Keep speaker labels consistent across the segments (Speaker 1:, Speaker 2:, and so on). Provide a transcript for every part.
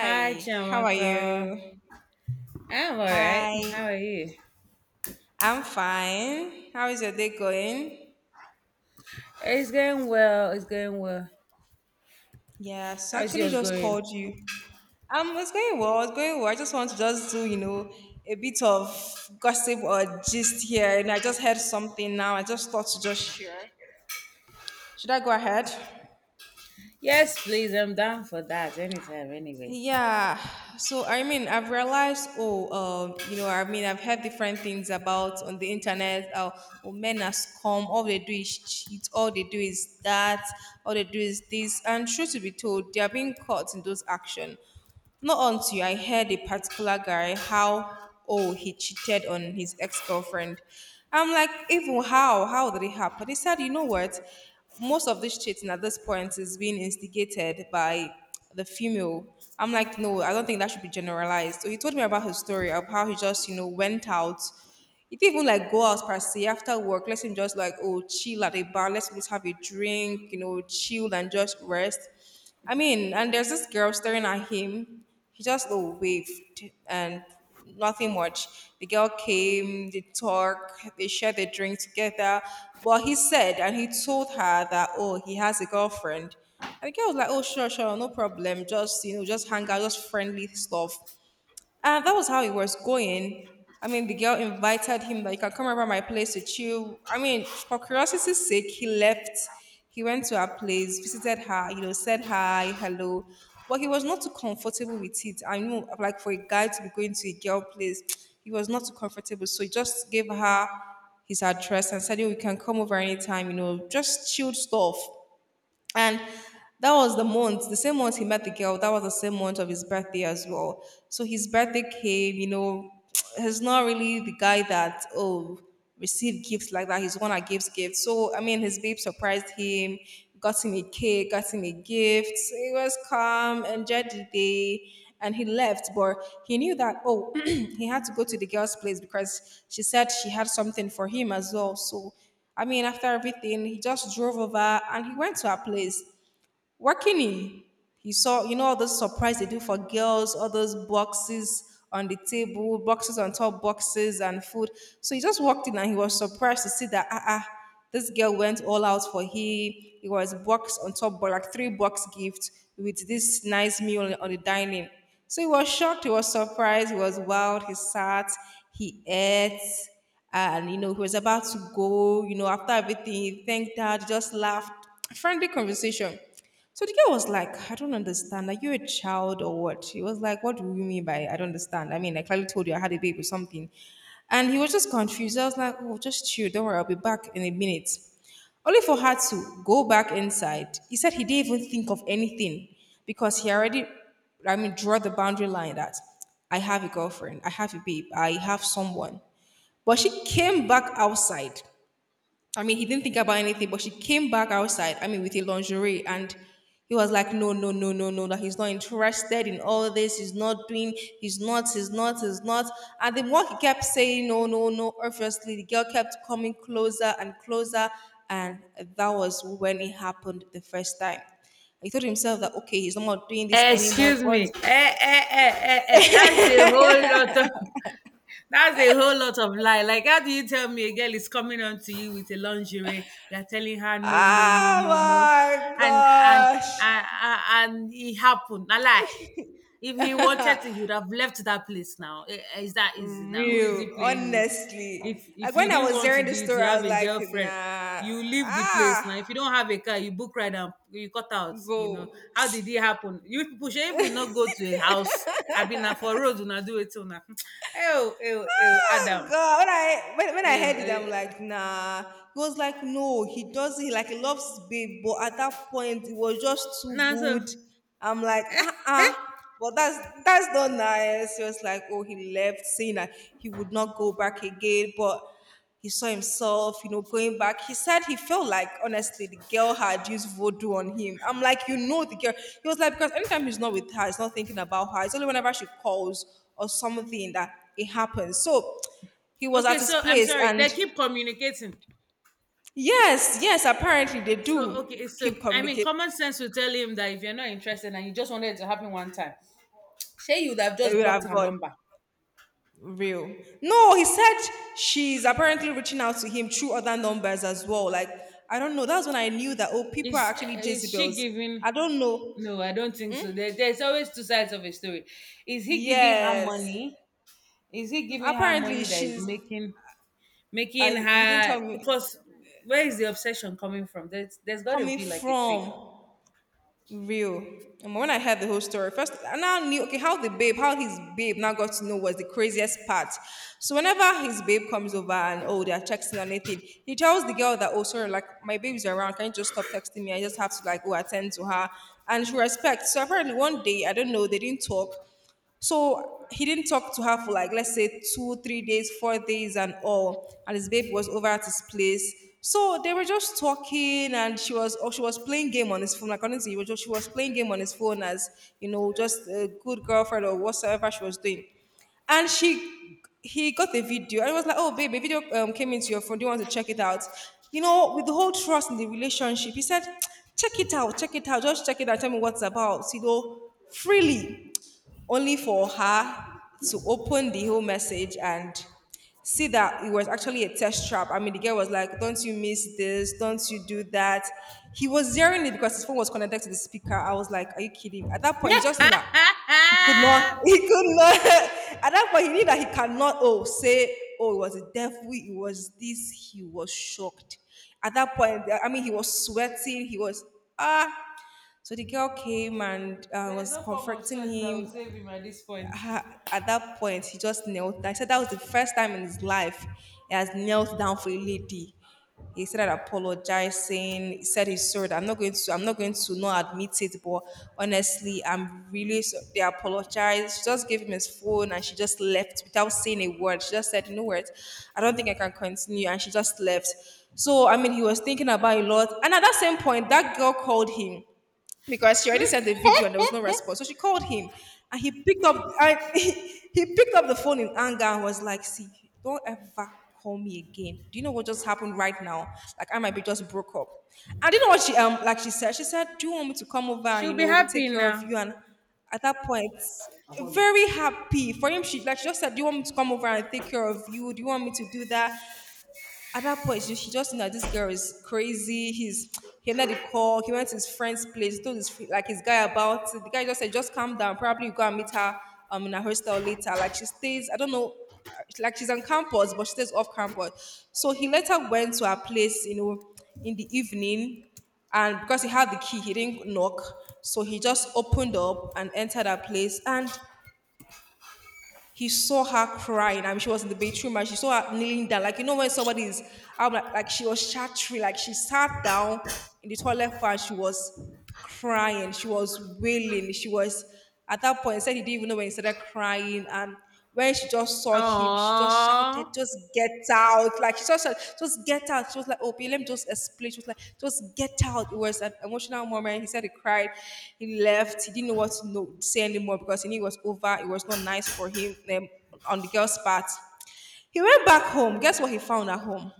Speaker 1: Hi,
Speaker 2: how are
Speaker 1: Jamaica.
Speaker 2: you?
Speaker 1: I'm all right.
Speaker 2: Hi,
Speaker 1: How are you?
Speaker 2: I'm fine. How is your day going?
Speaker 1: It's going well. It's going well.
Speaker 2: Yeah, so
Speaker 1: How's
Speaker 2: actually
Speaker 1: yours
Speaker 2: just
Speaker 1: going?
Speaker 2: called you. It's going well, it's going well. I just want to just do, you know, a bit of gossip or gist here. And I just heard something now. I just thought to just share. Should I go ahead?
Speaker 1: Yes, please. I'm down for that anytime, anyway.
Speaker 2: Yeah. So I mean, I've realized. Oh, you know, I mean, I've heard different things about on the internet. Oh, men are scum. All they do is cheat. All they do is that. All they do is this. And true to be told, they are being caught in those action. Not until I heard a particular guy how oh he cheated on his ex-girlfriend. I'm like, even how? How did it happen? He said, you know what? Most of this cheating at this point is being instigated by the female. I'm like, no, I don't think that should be generalized. So he told me about his story of how he just, you know, went out, he didn't even like go out per se after work. Let him just like oh chill at a bar. Let's just have a drink, you know, chill and just rest. I mean, and there's this girl staring at him. He just oh, waved and nothing much. The girl came, they talked, they shared the drink together. But he said and he told her that oh he has a girlfriend. And the girl was like, oh, sure, sure, no problem. Just, you know, just hang out, just friendly stuff. And that was how it was going. I mean, the girl invited him that you can come over my place to chill. I mean, for curiosity's sake, he left. He went to her place, visited her, you know, said hi, hello. But he was not too comfortable with it. I know, like for a guy to be going to a girl place, he was not too comfortable. So he just gave her his address and said, "Yo, you can come over anytime, you know, just chilled stuff." And that was the month, the same month he met the girl, that was the same month of his birthday as well. So his birthday came, you know, he's not really the guy that, oh, receive gifts like that. He's the one that gives gifts. So, I mean, his babe surprised him, got him a cake, got him a gift. He was calm, enjoyed the day, and he left. But he knew that, oh, he had to go to the girl's place because she said she had something for him as well. So I mean, after everything, he just drove over and he went to our place working in. He saw, you know, all those surprise they do for girls, all those boxes on the table, boxes on top boxes and food. So he just walked in and he was surprised to see that ah ah, this girl went all out for him. It was box on top, but like three box gift with this nice meal on the dining. So he was shocked, he was surprised, he was wild, he sat, he ate, and you know, he was about to go, you know, after everything, he thanked dad, just laughed. Friendly conversation. So the girl was like, I don't understand. Are you a child or what? He was like, what do you mean by I don't understand? I mean, I clearly told you I had a baby or something. And he was just confused. I was like, oh, just chill. Don't worry. I'll be back in a minute. Only for her to go back inside. He said he didn't even think of anything because he already, I mean, draw the boundary line that I have a girlfriend, I have a babe, I have someone. But she came back outside, I mean, he didn't think about anything, but she came back outside, I mean, with a lingerie. And he was like, no, no, no, no, no, that he's not interested in all this. He's not doing, he's not, he's not, he's not. And the more he kept saying, no, no, no, obviously, the girl kept coming closer and closer. And that was when it happened the first time. He told himself that, okay, he's not doing this anymore.
Speaker 1: Excuse
Speaker 2: But,
Speaker 1: me. Eh. That's a whole lot of. That's a whole lot of lie. Like, how do you tell me a girl is coming on to you with a lingerie? You're telling her no, no, no, no, no,
Speaker 2: oh
Speaker 1: and and
Speaker 2: my.
Speaker 1: and and it happened. A lie. If he wanted to, he would have left that place now. Eh, eh, it's that easy now. Who is he
Speaker 2: Real,
Speaker 1: playing with? If
Speaker 2: honestly. Like
Speaker 1: if you
Speaker 2: when I
Speaker 1: didn't
Speaker 2: was
Speaker 1: want to
Speaker 2: hearing the
Speaker 1: do it,
Speaker 2: story,
Speaker 1: you
Speaker 2: I
Speaker 1: have
Speaker 2: was
Speaker 1: a
Speaker 2: like,
Speaker 1: girlfriend.
Speaker 2: nah,
Speaker 1: You leave the place
Speaker 2: ah,
Speaker 1: now. If you don't have a car, you book ride and you cut out. You know
Speaker 2: go.
Speaker 1: how did it happen? You people should even not go to a house. I've been na for road. Una do it till now. Oh, oh, oh,
Speaker 2: Oh
Speaker 1: Adam.
Speaker 2: god, when i when, when
Speaker 1: Oh,
Speaker 2: i heard it, I'm
Speaker 1: oh.
Speaker 2: like, nah, he was like, no, he doesn't. He like he loves his babe, but at that point it was just too
Speaker 1: Nah, so
Speaker 2: good. I'm like, uh-uh, but that's not nice. He was like, oh, he left saying that he would not go back again, but he saw himself, you know, going back. He said he felt like, honestly, the girl had used voodoo on him. I'm like, you know, the girl. He was like, because anytime he's not with her, he's not thinking about her. It's only whenever she calls or something that it happens. So he was
Speaker 1: okay.
Speaker 2: at his
Speaker 1: So I'm
Speaker 2: place,
Speaker 1: sorry. They
Speaker 2: and
Speaker 1: keep communicating.
Speaker 2: yes, yes, apparently they
Speaker 1: So
Speaker 2: do
Speaker 1: okay,
Speaker 2: keep communicating.
Speaker 1: common sense will tell him that if you're not interested and you just wanted it to happen one time, Shay, you would have
Speaker 2: It
Speaker 1: just
Speaker 2: would
Speaker 1: blocked
Speaker 2: have
Speaker 1: her
Speaker 2: gone
Speaker 1: number.
Speaker 2: real. No, he said she's apparently reaching out to him through other numbers as well. Like, I don't know. That's when I knew that, oh, people are
Speaker 1: Is
Speaker 2: actually
Speaker 1: is she
Speaker 2: Jezebels.
Speaker 1: giving?
Speaker 2: I don't know.
Speaker 1: No, I don't think so. There's always two sides of a story. Is he giving her
Speaker 2: Yes.
Speaker 1: money? Is he giving her
Speaker 2: Apparently
Speaker 1: money that is
Speaker 2: she's,
Speaker 1: making
Speaker 2: I
Speaker 1: making
Speaker 2: he didn't tell
Speaker 1: her
Speaker 2: me
Speaker 1: because where is the obsession coming from? There's got to
Speaker 2: coming
Speaker 1: be like a trigger.
Speaker 2: from. Real. And when I heard the whole story, first I now knew okay how the babe, how his babe now got to know was the craziest part. So whenever his babe comes over and oh they are texting or anything, he tells the girl that oh sorry like my baby's around, can you just stop texting me? I just have to like go attend to her, and she respects. So apparently one day I don't know they didn't talk. So he didn't talk to her for like let's say 2, 3 days, 4 days, and all. And his babe was over at his place. So they were just talking, and she was or she was playing game on his phone. According to you, she was playing game on his phone as you know, just a good girlfriend or whatsoever she was doing. And she, he got the video, and it was like, oh baby, video came into your phone. Do you want to check it out? You know, with the whole trust in the relationship, he said, check it out, just check it out. Tell me what's about. You know, freely only for her to open the whole message and see that it was actually a test trap. I mean, the girl was like, don't you miss this? Don't you do that? He was hearing it because his phone was connected to the speaker. I was like, are you kidding? At that point, he just knew that he could not, he could not. At that point, he knew that he cannot, oh, say, oh, it was a devil, it was this. He was shocked. At that point, I mean, he was sweating, he was, ah. So the girl came and
Speaker 1: There's
Speaker 2: was
Speaker 1: no form of
Speaker 2: comforting
Speaker 1: sweat that will
Speaker 2: him,
Speaker 1: save him at this point.
Speaker 2: ha- at that point, he just knelt. I said that was the first time in his life he has knelt down for a lady. He started apologizing. He said he's sorry. I'm not going to. I'm not going to not admit it. But honestly, I'm really. So-. They apologized. She just gave him his phone, and she just left without saying a word. She just said, "You know what? I don't think I can continue," and she just left. So I mean, he was thinking about it a lot. And at that same point, that girl called him because she already sent the video and there was no response. So she called him and he picked up and he picked up the phone in anger and was like, see, don't ever call me again. Do you know what just happened right now? Like I might be just broke up. I didn't know what she like she said. She said, do you want me to come over and
Speaker 1: She'll
Speaker 2: you
Speaker 1: be
Speaker 2: know
Speaker 1: happy
Speaker 2: take care of you?
Speaker 1: now.
Speaker 2: And at that point, very happy for him. She like she just said, do you want me to come over and take care of you? Do you want me to do that? At that point, she just knew that this girl is crazy. He's he ended the call. He went to his friend's place, told his like his guy about it. The guy just said, "Just calm down. Probably you go and meet her in her hostel later." Like she stays. I don't know. Like she's on campus, but she stays off campus. So he later went to her place, you know, in the evening, and because he had the key, he didn't knock. So he just opened up and entered her place, and he saw her crying. I mean, she was in the bathroom and she saw her kneeling down. Like, you know, when somebody is, I'm like she was shattering, like she sat down in the toilet and she was crying. She was wailing. She was, at that point, he said he didn't even know when he started crying. And when she just saw him, she just shouted,
Speaker 1: Oh,
Speaker 2: just get out. Like she just said, just get out. She was like, okay, let me just explain. She was like, just get out. It was an emotional moment. He said he cried. He left. He didn't know what to know, say anymore because he knew it was over. It was not nice for him on the girl's part. He went back home. Guess what he found at home?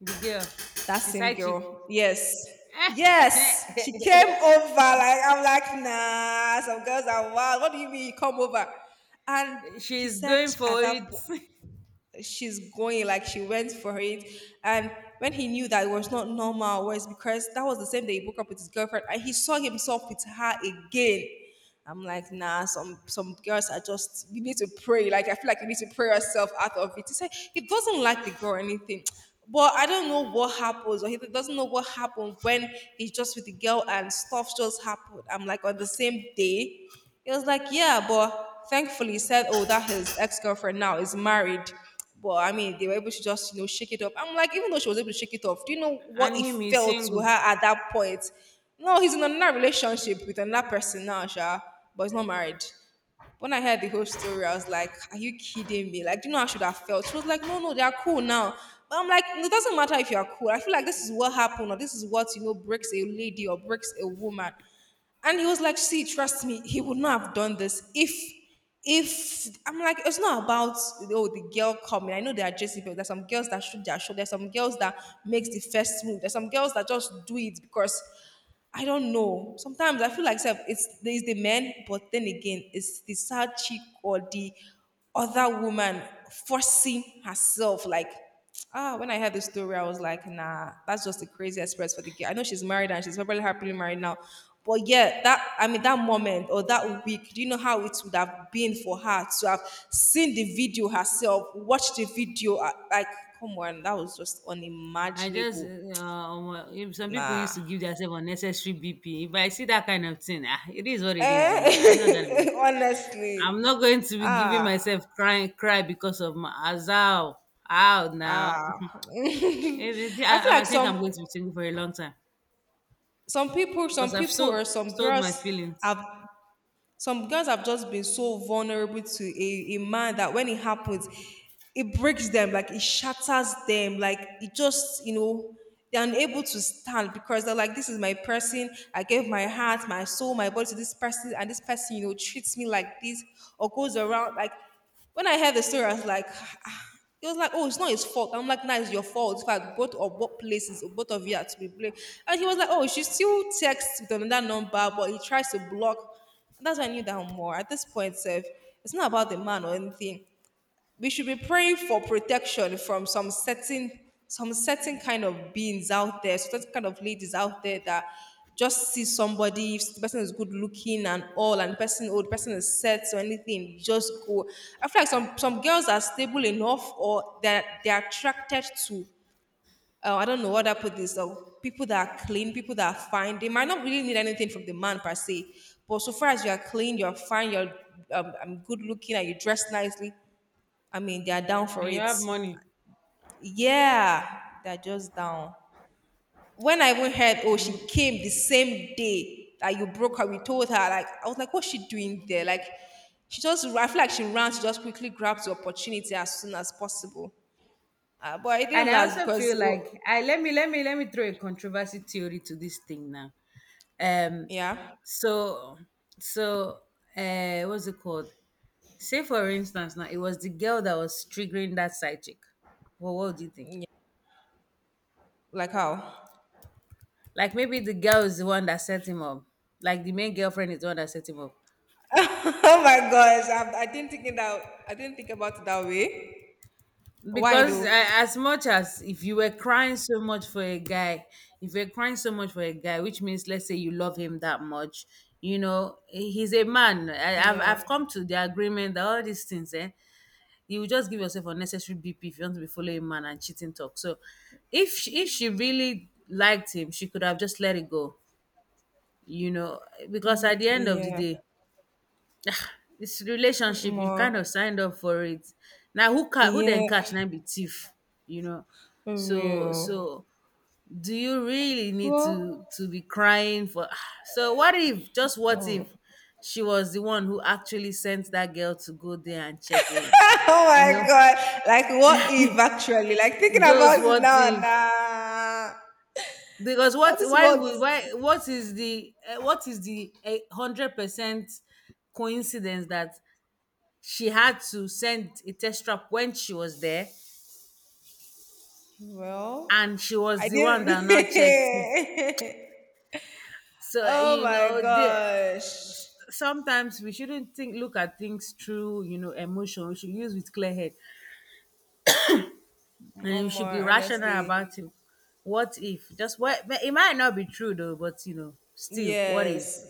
Speaker 1: the girl,
Speaker 2: That
Speaker 1: the
Speaker 2: same
Speaker 1: side chick.
Speaker 2: girl. Yes. Yes. She came over. Like, I'm like, nah, some girls are wild. What do you mean you come over? And he
Speaker 1: She's
Speaker 2: said
Speaker 1: going for
Speaker 2: at that
Speaker 1: it.
Speaker 2: point, she's going like she went for it and when he knew that it was not normal was because that was the same day he broke up with his girlfriend and he saw himself with her again. I'm like, nah, some girls are just, you need to pray, like I feel like you need to pray yourself out of it. He said he doesn't like the girl or anything, but I don't know what happens, or he doesn't know what happened when he's just with the girl and stuff just happened. I'm like, on the same day. It was like, yeah, but thankfully he said, oh, that his ex-girlfriend now is married. But I mean, they were able to just, you know, shake it up. I'm like, even though she was able to shake it off, do you know what
Speaker 1: And
Speaker 2: it
Speaker 1: him is
Speaker 2: felt to her
Speaker 1: single.
Speaker 2: at that point? No, he's in another relationship with another person now, Sha, but he's not married. When I heard the whole story, I was like, are you kidding me? Like, do you know how I should have felt? She was like, no, no, they are cool now. But I'm like, it doesn't matter if you are cool. I feel like this is what happened, or this is what, you know, breaks a lady or breaks a woman. And he was like, see, trust me, he would not have done this if, I'm like, it's not about, oh, the girl coming. I know there are just people, there's some girls that shoot their shot, there's some girls that makes the first move, there's some girls that just do it because. I don't know. Sometimes I feel like self it's there's the men, but then again, it's the sad chick or the other woman forcing herself. Like, ah, when I heard the story, I was like, nah, that's just the crazy express for the girl. I know she's married and she's probably happily married now. But yeah, that I mean that moment or that week, do you know how it would have been for her to have seen the video herself, watched the video? Like, come on, that was just unimaginable.
Speaker 1: If some people used
Speaker 2: Nah.
Speaker 1: to give themselves unnecessary BP. If I see that kind of thing, ah, it is what it is, you know.
Speaker 2: Eh?
Speaker 1: I'm not
Speaker 2: Honestly.
Speaker 1: going to be giving
Speaker 2: Ah,
Speaker 1: myself cry, cry because of my Azal out now.
Speaker 2: ah. I feel
Speaker 1: I
Speaker 2: like
Speaker 1: think
Speaker 2: some
Speaker 1: I'm going to be single for a long time
Speaker 2: some people,
Speaker 1: because
Speaker 2: some
Speaker 1: I've
Speaker 2: people
Speaker 1: so
Speaker 2: or
Speaker 1: sold my feelings.
Speaker 2: have some girls have just been so vulnerable to a man that when it happens, it breaks them, like it shatters them, like it just, you know, they're unable to stand because they're like, this is my person. I gave my heart, my soul, my body to this person, and this person, you know, treats me like this or goes around like. When I heard the story, I was like, ah, it was like, oh, it's not his fault. I'm like, nah, it's your fault. In fact, both or both places, both of you are to be blamed. And he was like, oh, she still texts with another number, but he tries to block. And that's when I knew that more. At this point, Seth, it's not about the man or anything. We should be praying for protection from some certain kind of beings out there, certain kind of ladies out there that just see somebody, if the person is good looking and all, and the person old, person is set or anything, just go. I feel like some girls are stable enough or that they're attracted to I don't know what I put this people that are clean, people that are fine. They might not really need anything from the man per se, but so far as you are clean, you're fine, you're good looking, and you dress nicely, I mean, they are down
Speaker 1: And
Speaker 2: for
Speaker 1: you
Speaker 2: it.
Speaker 1: have money.
Speaker 2: Yeah, they're just down. When I even heard, oh, she
Speaker 1: I'm,
Speaker 2: came the same day that you broke her, we told her, like, I was like, what's she doing there? Like, she just, I feel like she ran to just quickly grab the opportunity as soon as possible. But it
Speaker 1: And
Speaker 2: didn't
Speaker 1: I
Speaker 2: last
Speaker 1: also feel
Speaker 2: because, oh,
Speaker 1: like I let me let me throw a controversy theory to this thing now. Um
Speaker 2: yeah,
Speaker 1: so so what's it called? Say for instance now it was the girl that was triggering that side chick. Well, what do you think?
Speaker 2: yeah, like, how?
Speaker 1: Like maybe the girl is the one that set him up. Like the main girlfriend is the one that set him up.
Speaker 2: Oh my gosh, I didn't think it that, I didn't think about it that way. Why
Speaker 1: Because
Speaker 2: though?
Speaker 1: I, as much as if you were crying so much for a guy, if you're crying so much for a guy, which means let's say you love him that much, you know he's a man.
Speaker 2: Yeah,
Speaker 1: I've come to the agreement that all these things, eh, you will just give yourself unnecessary bp if you want to be following a man and cheating talk. So if she really liked him she could have just let it go, you know, because at the end of the
Speaker 2: yeah,
Speaker 1: day it's relationship, you
Speaker 2: more,
Speaker 1: kind of signed up for it. Now who ca- who
Speaker 2: yeah,
Speaker 1: then catch na be thief, you know.
Speaker 2: for
Speaker 1: So
Speaker 2: real.
Speaker 1: so do you really need
Speaker 2: Well,
Speaker 1: to be crying for so what if, just what
Speaker 2: um,
Speaker 1: if she was the one who actually sent that girl to go there and check him,
Speaker 2: oh
Speaker 1: you
Speaker 2: my
Speaker 1: know,
Speaker 2: god! Like what if actually? Like thinking about
Speaker 1: just
Speaker 2: it
Speaker 1: what
Speaker 2: now and
Speaker 1: if?
Speaker 2: nah.
Speaker 1: Because
Speaker 2: Now
Speaker 1: what,
Speaker 2: this
Speaker 1: why
Speaker 2: world
Speaker 1: would,
Speaker 2: is
Speaker 1: why, what is the 100% coincidence that she had to send a test trap when she was there and
Speaker 2: well.
Speaker 1: she was
Speaker 2: I
Speaker 1: the one
Speaker 2: didn't.
Speaker 1: that now checked it. So
Speaker 2: Oh
Speaker 1: you
Speaker 2: my
Speaker 1: know, the,
Speaker 2: gosh,
Speaker 1: sometimes we shouldn't think, look at things through, you know, emotion. We should use with clear head, and we should be
Speaker 2: Omar.
Speaker 1: rational
Speaker 2: Honestly,
Speaker 1: about it. What if? Just what? But it might not be true though, but you know, still, what if?
Speaker 2: yes.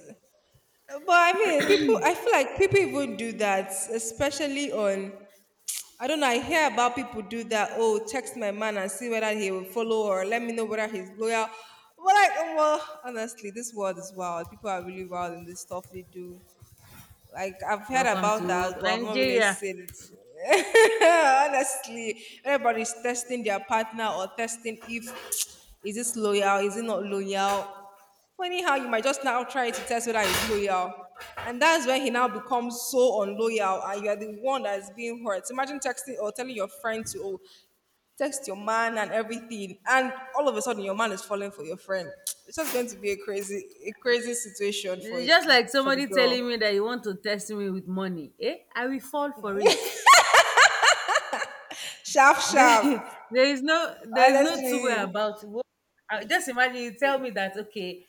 Speaker 2: But I mean, people. I feel like people even do that, especially on I don't know. I hear about people do that. Oh, text my man and see whether he will follow or let me know whether he's loyal. But like, oh, well, honestly, this world is wild. People are really wild in this stuff they do. Like I've heard
Speaker 1: Welcome
Speaker 2: about
Speaker 1: to
Speaker 2: that, but I've not really
Speaker 1: Nigeria.
Speaker 2: seen it. Honestly, everybody's testing their partner or testing if is this loyal, is it not loyal. Funny how you might just now try to test whether it's loyal, and that's when he now becomes so unloyal, and you are the one that's being hurt. Imagine texting or telling your friend to oh, text your man and everything, and all of a sudden your man is falling for your friend. It's just going to be a crazy situation
Speaker 1: Just like
Speaker 2: for the
Speaker 1: somebody
Speaker 2: girl.
Speaker 1: telling me that you want to test me with money, eh? I will fall for it.
Speaker 2: Sharp,
Speaker 1: There,
Speaker 2: sharp.
Speaker 1: there is no two-way
Speaker 2: Honestly.
Speaker 1: about it. I- Just imagine you tell me that okay,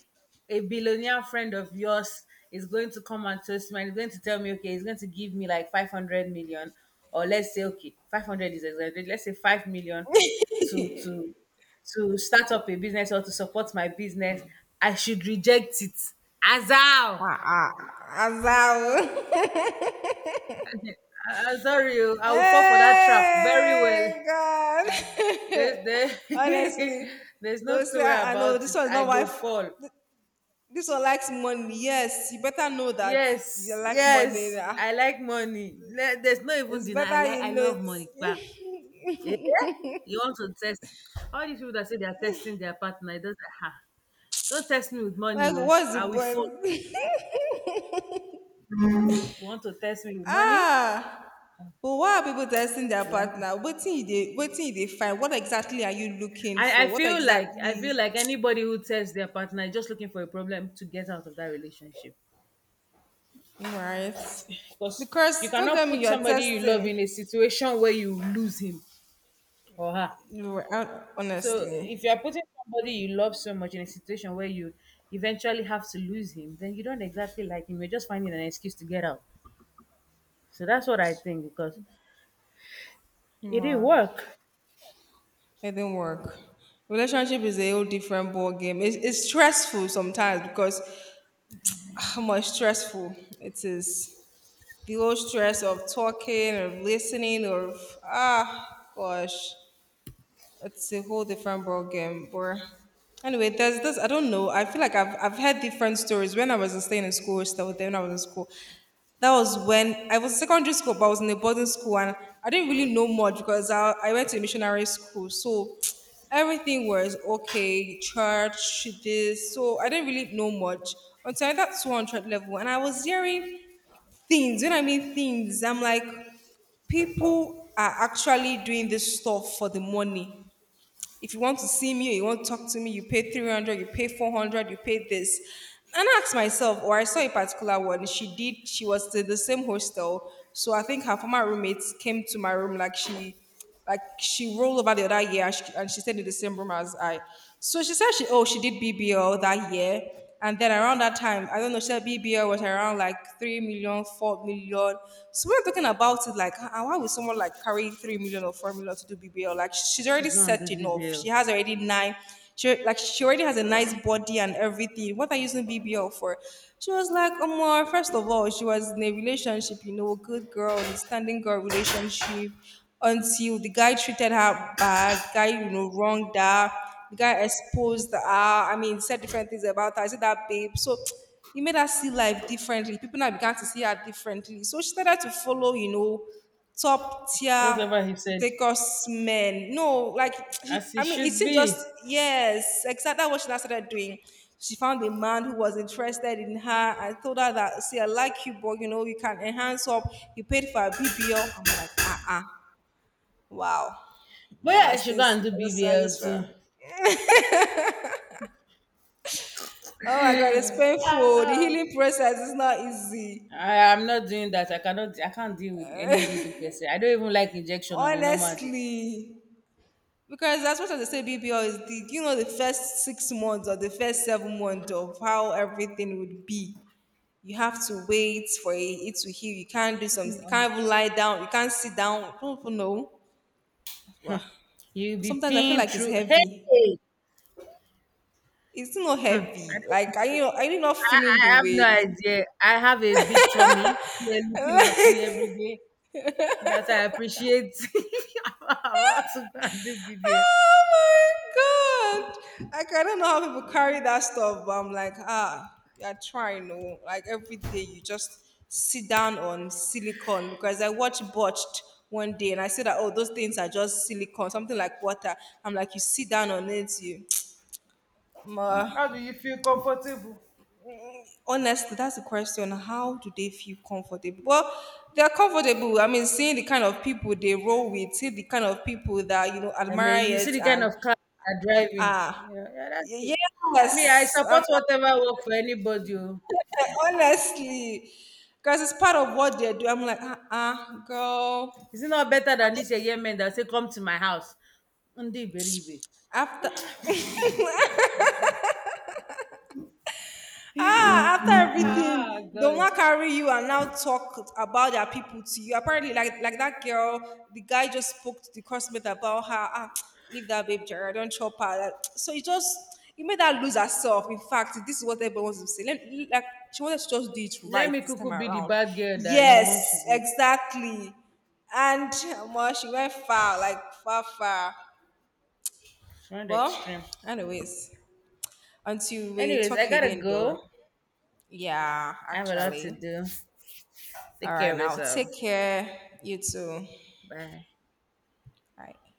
Speaker 1: a billionaire friend of yours is going to come and toast me and he's going to tell me okay, he's going to give me like 500 million, or let's say okay, 500 is exaggerated. Let's say 5 million to to to start up a business or to support my business. I should reject it. Azal, I-
Speaker 2: Ah, ah. Azal.
Speaker 1: I'm sorry, oh, I will fall for that trap very well.
Speaker 2: Hey, God.
Speaker 1: There's there,
Speaker 2: Honestly.
Speaker 1: there's
Speaker 2: They'll
Speaker 1: no two
Speaker 2: say,
Speaker 1: way
Speaker 2: I know
Speaker 1: about
Speaker 2: this
Speaker 1: it.
Speaker 2: one's
Speaker 1: I
Speaker 2: not
Speaker 1: go
Speaker 2: wife.
Speaker 1: fall.
Speaker 2: This one likes money. Yes, you better know that you
Speaker 1: Yes,
Speaker 2: like money.
Speaker 1: yes.
Speaker 2: Ah.
Speaker 1: I like money. Le- There's no even
Speaker 2: It's
Speaker 1: deny. I
Speaker 2: better
Speaker 1: like.
Speaker 2: you
Speaker 1: I
Speaker 2: know
Speaker 1: love
Speaker 2: it.
Speaker 1: money. But you want to test all these people that say they are testing their partner. It doesn't. Ha, don't test me with
Speaker 2: Like,
Speaker 1: money. Oh.
Speaker 2: what's the
Speaker 1: I will fall.
Speaker 2: point?
Speaker 1: You want to test me with money?
Speaker 2: ah. But why are people testing their
Speaker 1: I like.
Speaker 2: partner? What thing they find? What exactly are you looking
Speaker 1: I
Speaker 2: for? What
Speaker 1: feel like I
Speaker 2: exactly.
Speaker 1: feel like anybody who tests their partner is just looking for a problem to get out of that relationship.
Speaker 2: Right.
Speaker 1: Because you
Speaker 2: Because don't tell
Speaker 1: cannot
Speaker 2: me
Speaker 1: put
Speaker 2: you're
Speaker 1: somebody you love in a
Speaker 2: testing.
Speaker 1: situation where you lose him. Or her.
Speaker 2: You were out
Speaker 1: So if
Speaker 2: honestly.
Speaker 1: you're putting somebody you love so much in a situation where you eventually have to lose him, then you don't exactly like him. You're just finding an excuse to get out. So that's what I think because it didn't
Speaker 2: More.
Speaker 1: work
Speaker 2: It didn't work. Relationship is a whole different ball game. It's stressful sometimes because ah, how much stressful it is. The whole stress of talking or listening or ah gosh. It's a whole different ball game. But anyway, there's this. I don't know. I feel like I've heard different stories when I was staying in school. Still, then when I was in school, that was when I was in secondary school, but I was in a boarding school, and I didn't really know much because I went to a missionary school, so everything was okay. Church, this, so I didn't really know much until I got 200 level, and I was hearing things. When I mean things, I'm like people are actually doing this stuff for the money. If you want to see me, you want to talk to me, you pay 300, you pay 400, you pay this. And I asked myself, or I saw a particular one, she did, she was to the same hostel. So I think her former roommates came to my room like she rolled over the other year and she stayed in the same room as I. So she said she, oh, she did BBL that year. And then around that time, I don't know, Shell BBL was around like 3 million, 4 million. So we were talking about it like, "Ah, why would someone like carry 3 million or 4 million to do BBL? Like, she's
Speaker 1: to
Speaker 2: already
Speaker 1: go and do
Speaker 2: set enough. She
Speaker 1: BBL.
Speaker 2: has already nine, she, like, she already has a nice body and everything. What are you using BBL for? She was like, Omar, first of all, she was in a relationship, you know, good girl, understanding girl relationship until the guy treated her bad, guy, you know, wronged her. The guy exposed her. I mean, said different things about her. I said that babe. So he made her see life differently. People now began to see her differently. So she started to follow, you know, top tier
Speaker 1: Whatever he said,
Speaker 2: Lagos men. No, like she,
Speaker 1: as he
Speaker 2: I mean, it's
Speaker 1: should
Speaker 2: just
Speaker 1: be.
Speaker 2: yes, exactly what she now started doing. She found a man who was interested in her and told her that, see, I like you, but you know, you can enhance up. You paid for a BBL. I'm like, uh. Wow.
Speaker 1: But yeah, I
Speaker 2: Was
Speaker 1: should go
Speaker 2: things
Speaker 1: and do
Speaker 2: I just I
Speaker 1: BBL
Speaker 2: just
Speaker 1: too.
Speaker 2: felt. Oh my God, it's painful. The
Speaker 1: Ah,
Speaker 2: healing process is not easy,
Speaker 1: I am not doing that. I cannot. I can't deal with any needle per se. I don't even like injection on a normal day.
Speaker 2: honestly. Because as much as they say BBL is the, you know, the first 6 months or the first 7 months of how everything would be. You have to wait for it to heal. You can't do
Speaker 1: Help
Speaker 2: some. You
Speaker 1: me, on.
Speaker 2: can't even lie down. You can't sit down. I don't even know. Well,
Speaker 1: You'll be
Speaker 2: sometimes I feel
Speaker 1: pinned
Speaker 2: like it's
Speaker 1: through.
Speaker 2: heavy.
Speaker 1: Hey,
Speaker 2: It's not
Speaker 1: hmm, I
Speaker 2: heavy.
Speaker 1: don't even
Speaker 2: Like
Speaker 1: want
Speaker 2: are
Speaker 1: to.
Speaker 2: you are you not feeling
Speaker 1: I
Speaker 2: the
Speaker 1: have no
Speaker 2: weight?
Speaker 1: idea. I have a big tummy. They're looking at me every day. That I appreciate. I'm about to go and do BBL.
Speaker 2: Oh my God, like I don't know how people carry that stuff, but I'm like, ah, you're trying, no. Like every day you just sit down on silicone because I watched botched one day and I said that oh those things are just silicone, something like water. I'm like, you sit down on it, you Ma,
Speaker 1: How do you feel comfortable?
Speaker 2: honestly, that's the question. How do they feel comfortable? Well, they're comfortable. I mean, seeing the kind of people they roll with, see the kind of people that you know
Speaker 1: I mean, you
Speaker 2: admire
Speaker 1: see
Speaker 2: it
Speaker 1: the kind
Speaker 2: and
Speaker 1: of car they're driving.
Speaker 2: ah
Speaker 1: Yeah, yeah, that's
Speaker 2: Y-
Speaker 1: it. Me, I
Speaker 2: Yes, I'm
Speaker 1: support
Speaker 2: like,
Speaker 1: whatever work for anybody. Oh.
Speaker 2: honestly, because it's part of what they do. I'm like, uh-uh, girl.
Speaker 1: Is it not better
Speaker 2: I'm
Speaker 1: than
Speaker 2: not
Speaker 1: this year men that say come to my house? Ndi beribe.
Speaker 2: after. Ah, after
Speaker 1: Ah,
Speaker 2: everything, they will
Speaker 1: God.
Speaker 2: not carry you and now talk about their people to you. Apparently, like that girl, the guy just spoke to the cosmate about her. Ah, leave that babe, Jared, don't chop her. Like, So it just it made her lose herself. In fact, this is what everyone wants to say. Let, like she wanted to just do it
Speaker 1: Let
Speaker 2: right
Speaker 1: me
Speaker 2: this time
Speaker 1: cuckoo be the
Speaker 2: around.
Speaker 1: bad girl that you want to
Speaker 2: Yes,
Speaker 1: be.
Speaker 2: exactly. And well, she went far, like far, far.
Speaker 1: She went
Speaker 2: Well,
Speaker 1: extreme.
Speaker 2: anyways, until we
Speaker 1: Anyways, I
Speaker 2: talk
Speaker 1: gotta
Speaker 2: again, though.
Speaker 1: go.
Speaker 2: Yeah,
Speaker 1: I have a lot to
Speaker 2: actually.
Speaker 1: do.
Speaker 2: All
Speaker 1: Take care
Speaker 2: right,
Speaker 1: of
Speaker 2: now take
Speaker 1: yourself.
Speaker 2: care. You too.
Speaker 1: Bye.
Speaker 2: Bye.